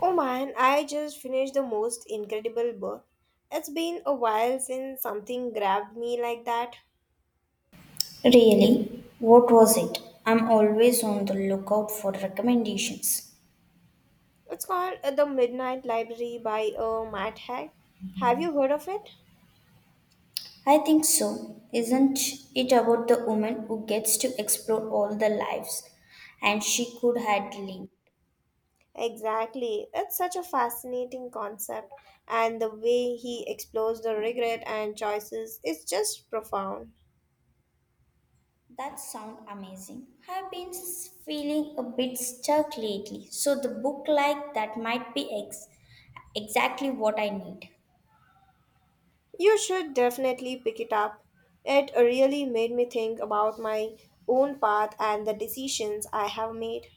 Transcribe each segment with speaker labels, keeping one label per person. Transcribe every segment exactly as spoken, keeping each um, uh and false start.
Speaker 1: Oh man, I just finished the most incredible book. It's been a while since something grabbed me like that.
Speaker 2: Really? What was it? I'm always on the lookout for recommendations.
Speaker 1: It's called uh, The Midnight Library by uh, Matt Haig. Have you heard of it?
Speaker 2: I think so. Isn't it about the woman who gets to explore all the lives and she could had lived?
Speaker 1: Exactly. It's such a fascinating concept, and the way he explores the regret and choices is just profound.
Speaker 2: That sounds amazing. I've been s- feeling a bit stuck lately, so the book like that might be ex- exactly what I need.
Speaker 1: You should definitely pick it up. It really made me think about my own path and the decisions I have made.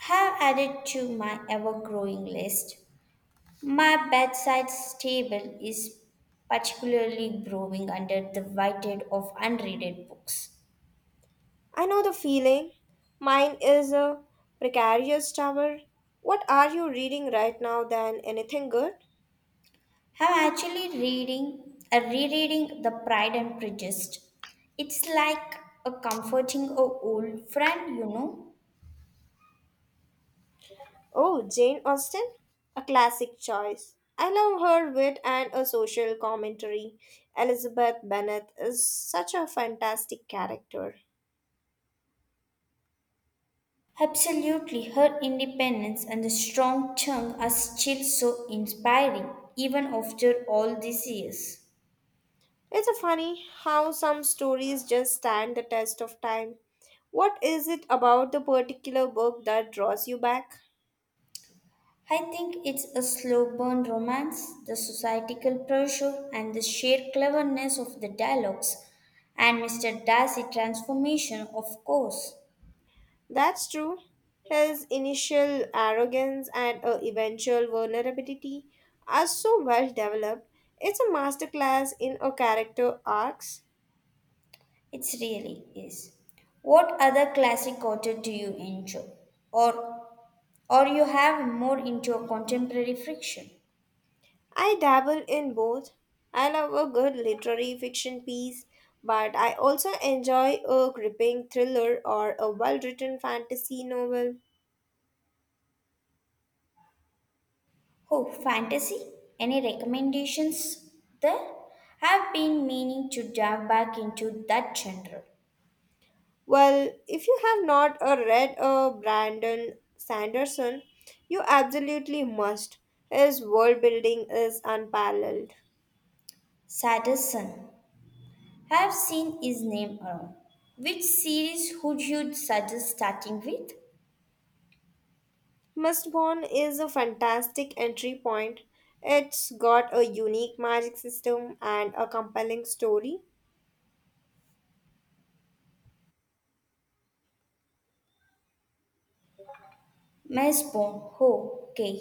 Speaker 2: Have added to my ever growing list. My bedside table is particularly growing under the weight of unread books.
Speaker 1: I know the feeling. Mine is a precarious tower. What are you reading right now than anything good?
Speaker 2: I'm actually reading, uh, rereading The Pride and Prejudice. It's like a comforting a old friend, you know.
Speaker 1: Oh, Jane Austen? A classic choice. I love her wit and a social commentary. Elizabeth Bennet is such a fantastic character.
Speaker 2: Absolutely, her independence and the strong tongue are still so inspiring, even after all these years.
Speaker 1: It's a funny how some stories just stand the test of time. What is it about the particular book that draws you back?
Speaker 2: I think it's a slow burn romance, the societal pressure and the sheer cleverness of the dialogues, and Mister Darcy transformation, of course.
Speaker 1: That's true. His initial arrogance and uh, eventual vulnerability are so well developed. It's a masterclass in a character arcs.
Speaker 2: It really is. What other classic author do you enjoy? Or or you have more into a contemporary fiction?
Speaker 1: I dabble in both. I love a good literary fiction piece, but I also enjoy a gripping thriller or a well-written fantasy novel.
Speaker 2: Oh, fantasy? Any recommendations there? I've been meaning to dive back into that genre.
Speaker 1: Well, if you have not uh, read uh, Brandon Sanderson, you absolutely must. His world building is unparalleled.
Speaker 2: Sadison. Have seen his name around. Which series would you suggest starting with?
Speaker 1: Mistborn is a fantastic entry point. It's got a unique magic system and a compelling story.
Speaker 2: Mesbone. Oh, okay.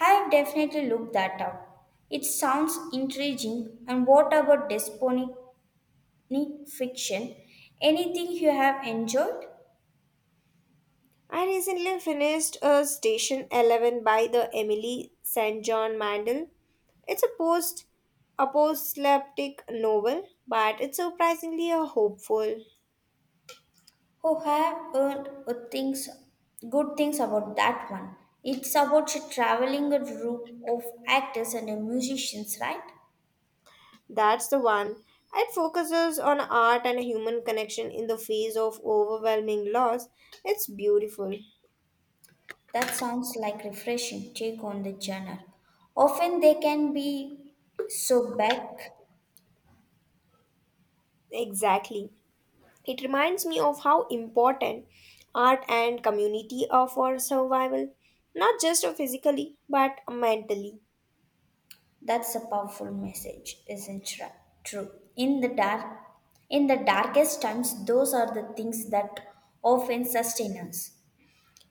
Speaker 2: I have definitely looked that up. It sounds intriguing. And what about dystopian fiction? Anything you have enjoyed?
Speaker 1: I recently finished a Station eleven by the Emily Saint John Mandel. It's a post apocalyptic novel, but it's surprisingly a hopeful.
Speaker 2: Oh, I have heard good things, good things about that one. It's about traveling a group of actors and musicians, right?
Speaker 1: That's the one. It focuses on art and human connection in the face of overwhelming loss. It's beautiful.
Speaker 2: That sounds like refreshing take on the genre. Often they can be so back.
Speaker 1: Exactly. It reminds me of how important art and community are for survival, not just physically but mentally.
Speaker 2: That's a powerful message, isn't tra- true? In the dark, in the darkest times, those are the things that often sustain us.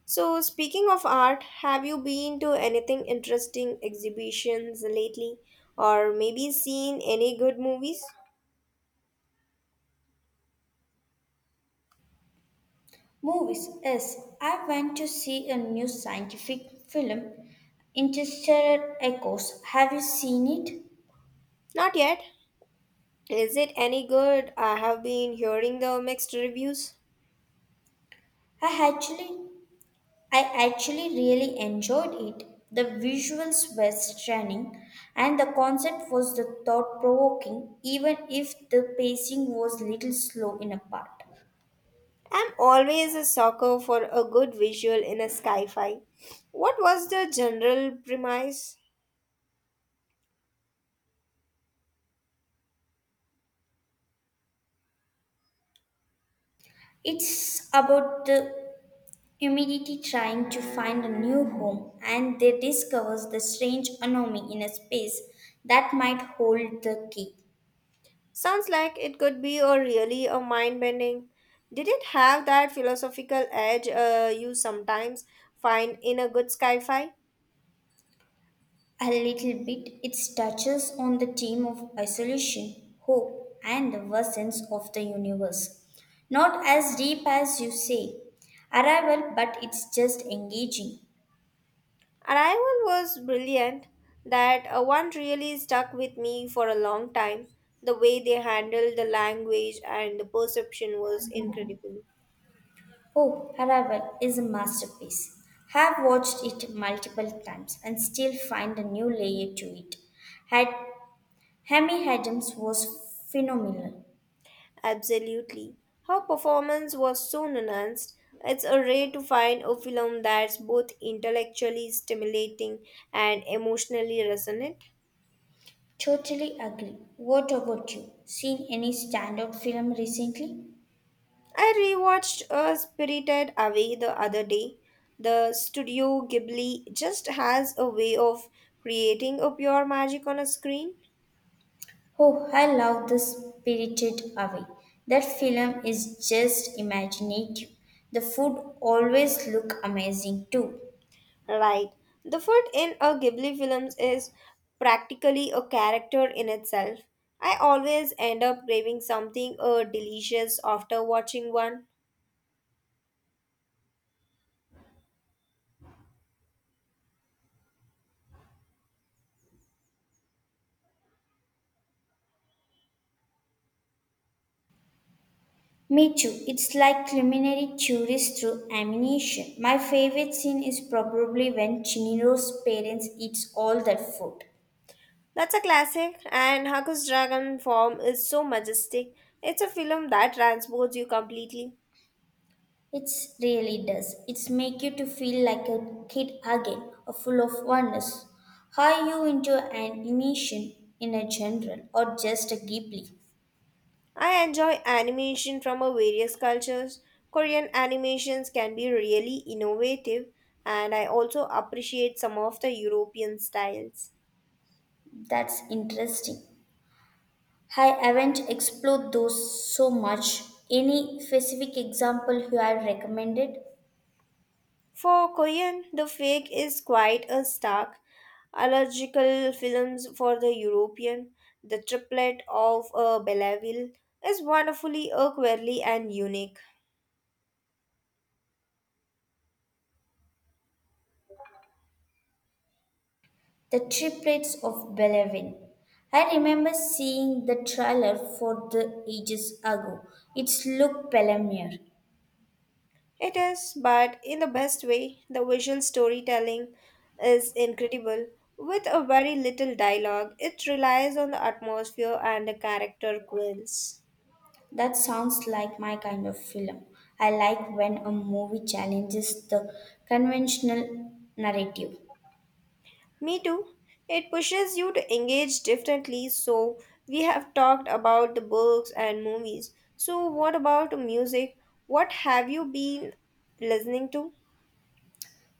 Speaker 1: So, speaking of art, have you been to anything interesting exhibitions lately or maybe seen any good movies?
Speaker 2: Movies. Yes, I went to see a new scientific film, Interstellar Echoes. Have you seen it?
Speaker 1: Not yet. Is it any good? I have been hearing the mixed reviews.
Speaker 2: I actually I actually really enjoyed it. The visuals were stunning, and the concept was the thought provoking, even if the pacing was little slow in a part.
Speaker 1: I'm always a sucker for a good visual in a sci fi. What was the general premise?
Speaker 2: It's about the humanity trying to find a new home, and they discovers the strange anomaly in a space that might hold the key.
Speaker 1: Sounds like it could be a really a mind bending. Did it have that philosophical edge uh, you sometimes find in a good sci-fi?
Speaker 2: A little bit, it touches on the theme of isolation, hope, and the vastness of the universe. Not as deep as you say, Arrival, but it's just engaging.
Speaker 1: Arrival was brilliant. That uh, one really stuck with me for a long time. The way they handled the language and the perception was incredible.
Speaker 2: Oh, Arrival is a masterpiece. Have watched it multiple times and still find a new layer to it. Had Hammy Adams was phenomenal.
Speaker 1: Absolutely. Her performance was so nuanced. It's a rare to find a film that's both intellectually stimulating and emotionally resonant.
Speaker 2: Totally agree. What about you? Seen any standout film recently?
Speaker 1: I rewatched uh, Spirited Away the other day. The Studio Ghibli just has a way of creating a pure magic on a screen.
Speaker 2: Oh, I love The Spirited Away. That film is just imaginative. The food always look amazing too.
Speaker 1: Right. The food in a Ghibli films is practically a character in itself. I always end up craving something uh, delicious after watching one.
Speaker 2: Me too. It's like culinary tourists through ammunition. My favorite scene is probably when Chiniro's parents eats all that food.
Speaker 1: That's a classic, and Haku's Dragon form is so majestic. It's a film that transports you completely.
Speaker 2: It really does. It's make you to feel like a kid again, or full of wonders. Are you into animation in a general or just a Ghibli?
Speaker 1: I enjoy animation from a various cultures. Korean animations can be really innovative, and I also appreciate some of the European styles.
Speaker 2: That's interesting. I haven't explored those so much. Any specific example you have recommended?
Speaker 1: For Korean, the fake is quite a stark. Allergical films for the European, the triplet of a Belleville is wonderfully, a quirky, and unique.
Speaker 2: The triplets of Belleville. I remember seeing the trailer for the ages ago. It's looked Pelamier.
Speaker 1: It is, but in the best way, the visual storytelling is incredible. With a very little dialogue, it relies on the atmosphere and the character quills.
Speaker 2: That sounds like my kind of film. I like when a movie challenges the conventional narrative.
Speaker 1: Me too. It pushes you to engage differently, so we have talked about the books and movies. So, what about music? What have you been listening to?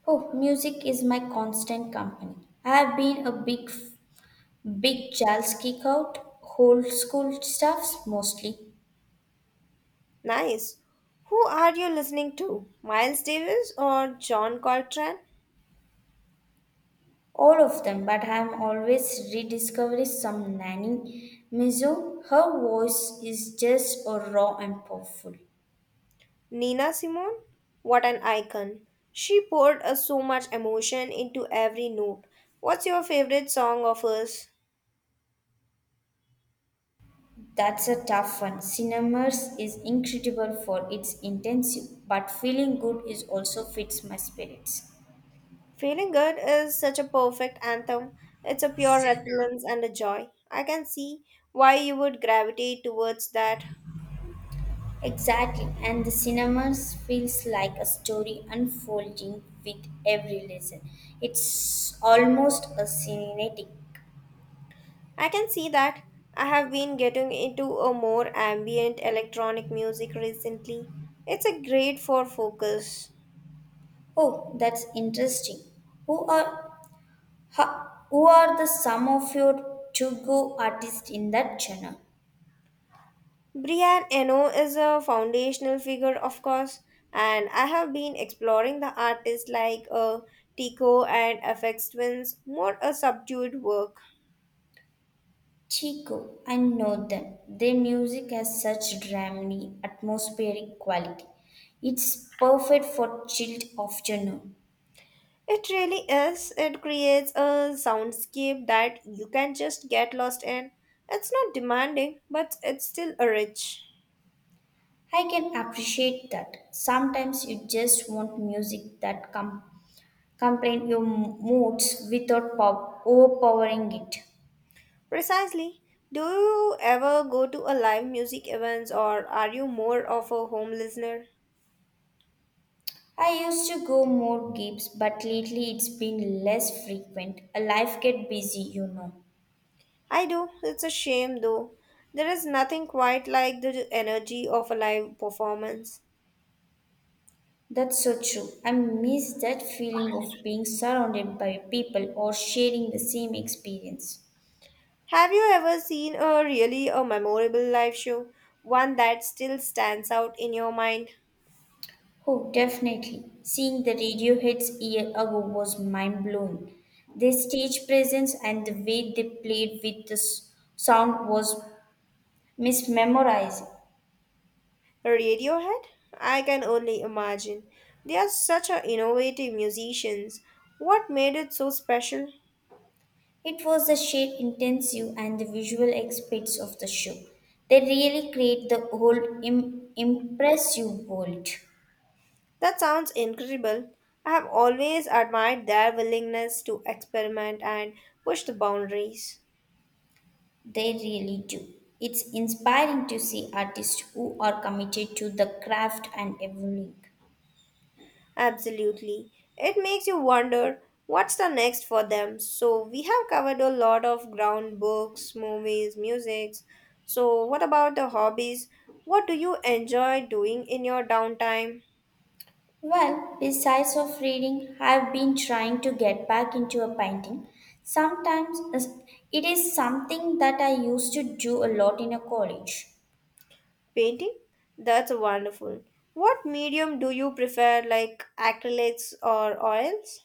Speaker 2: Oh, music is my constant company. I have been a big Big Charles kick out, old school stuffs mostly,
Speaker 1: Nice. Who are you listening to? Miles Davis or John Coltrane?
Speaker 2: all of them, but I'm always rediscovering some Nanny Mizu. Her voice is just uh, raw and powerful.
Speaker 1: Nina Simone, what an icon. She poured uh, so much emotion into every note. What's your favorite song of hers?
Speaker 2: That's a tough one. Cinemas is incredible for its intensive, but feeling good is also fits my spirits.
Speaker 1: Feeling Good is such a perfect anthem. It's a pure resilience and a joy. I can see why you would gravitate towards that.
Speaker 2: Exactly, and the cinemas feels like a story unfolding with every lesson. It's almost a cinematic.
Speaker 1: I can see that. I have been getting into a more ambient electronic music recently. It's a great for focus.
Speaker 2: Oh, that's interesting. Who are ha, who are the some of your Chugo artists in that genre?
Speaker 1: Brian Eno is a foundational figure, of course, and I have been exploring the artists like uh, Tico and F X Twins, more a subdued work.
Speaker 2: Chico, I know them. Their music has such dreamy, atmospheric quality. It's perfect for chilled afternoon.
Speaker 1: It really is. It creates a soundscape that you can just get lost in. It's not demanding, but it's still a rich.
Speaker 2: I can appreciate that. Sometimes you just want music that com- complain your moods without pow- overpowering it.
Speaker 1: Precisely. Do you ever go to a live music events or are you more of a home listener?
Speaker 2: I used to go more gigs, but lately it's been less frequent. A Life get busy, you know.
Speaker 1: I do. It's a shame though. There is nothing quite like the energy of a live performance.
Speaker 2: That's so true. I miss that feeling of being surrounded by people or sharing the same experience.
Speaker 1: Have you ever seen a really a memorable live show? One that still stands out in your mind?
Speaker 2: Oh, definitely. Seeing the radio hits year ago was mind blowing. Their stage presence and the way they played with the s- sound was mesmerizing.
Speaker 1: Radiohead? I can only imagine. They are such a innovative musicians. What made it so special?
Speaker 2: It was the sheer intensity and the visual aspects of the show. They really create the whole Im- impressive world.
Speaker 1: That sounds incredible. I have always admired their willingness to experiment and push the boundaries.
Speaker 2: They really do. It's inspiring to see artists who are committed to the craft and evolving.
Speaker 1: Absolutely. It makes you wonder what's the next for them. So, we have covered a lot of ground books, movies, music. So, what about the hobbies? What do you enjoy doing in your downtime?
Speaker 2: Well, besides of reading, I've been trying to get back into a painting. Sometimes uh, it is something that I used to do a lot in a college.
Speaker 1: Painting? That's wonderful. What medium do you prefer, like acrylics or oils?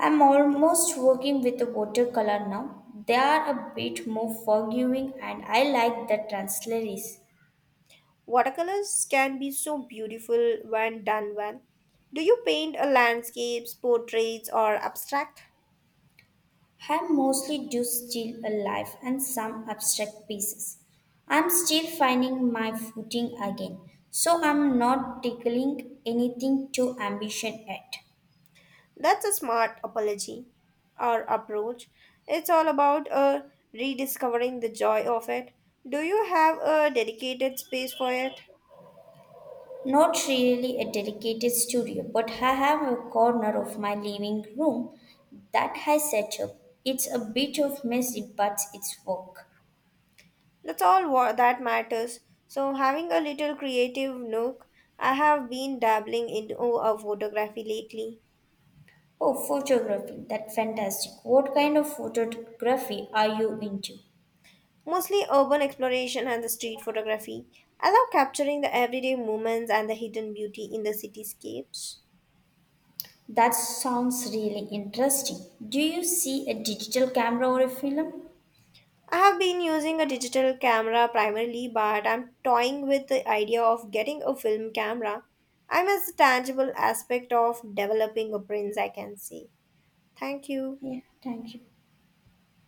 Speaker 2: I'm almost working with a watercolor now. They are a bit more forgiving and I like the transleries.
Speaker 1: Watercolors can be so beautiful when done well. Do you paint a landscapes, portraits, or abstract?
Speaker 2: I mostly do still alive and some abstract pieces. I'm still finding my footing again, so I'm not tickling anything too ambition yet.
Speaker 1: That's a smart apology or approach. It's all about uh, rediscovering the joy of it. Do you have a dedicated space for it?
Speaker 2: Not really a dedicated studio, but I have a corner of my living room that I set up. It's a bit of messy, but it's work.
Speaker 1: That's all what that matters. So having a little creative nook, I have been dabbling into a photography lately.
Speaker 2: Oh, photography. That's fantastic. What kind of photography are you into?
Speaker 1: Mostly urban exploration and the street photography. I love capturing the everyday moments and the hidden beauty in the cityscapes.
Speaker 2: That sounds really interesting. Do you see a digital camera or a film?
Speaker 1: I have been using a digital camera primarily, but I'm toying with the idea of getting a film camera. I miss the tangible aspect of developing a prints I can see. Thank you.
Speaker 2: Yeah, thank you.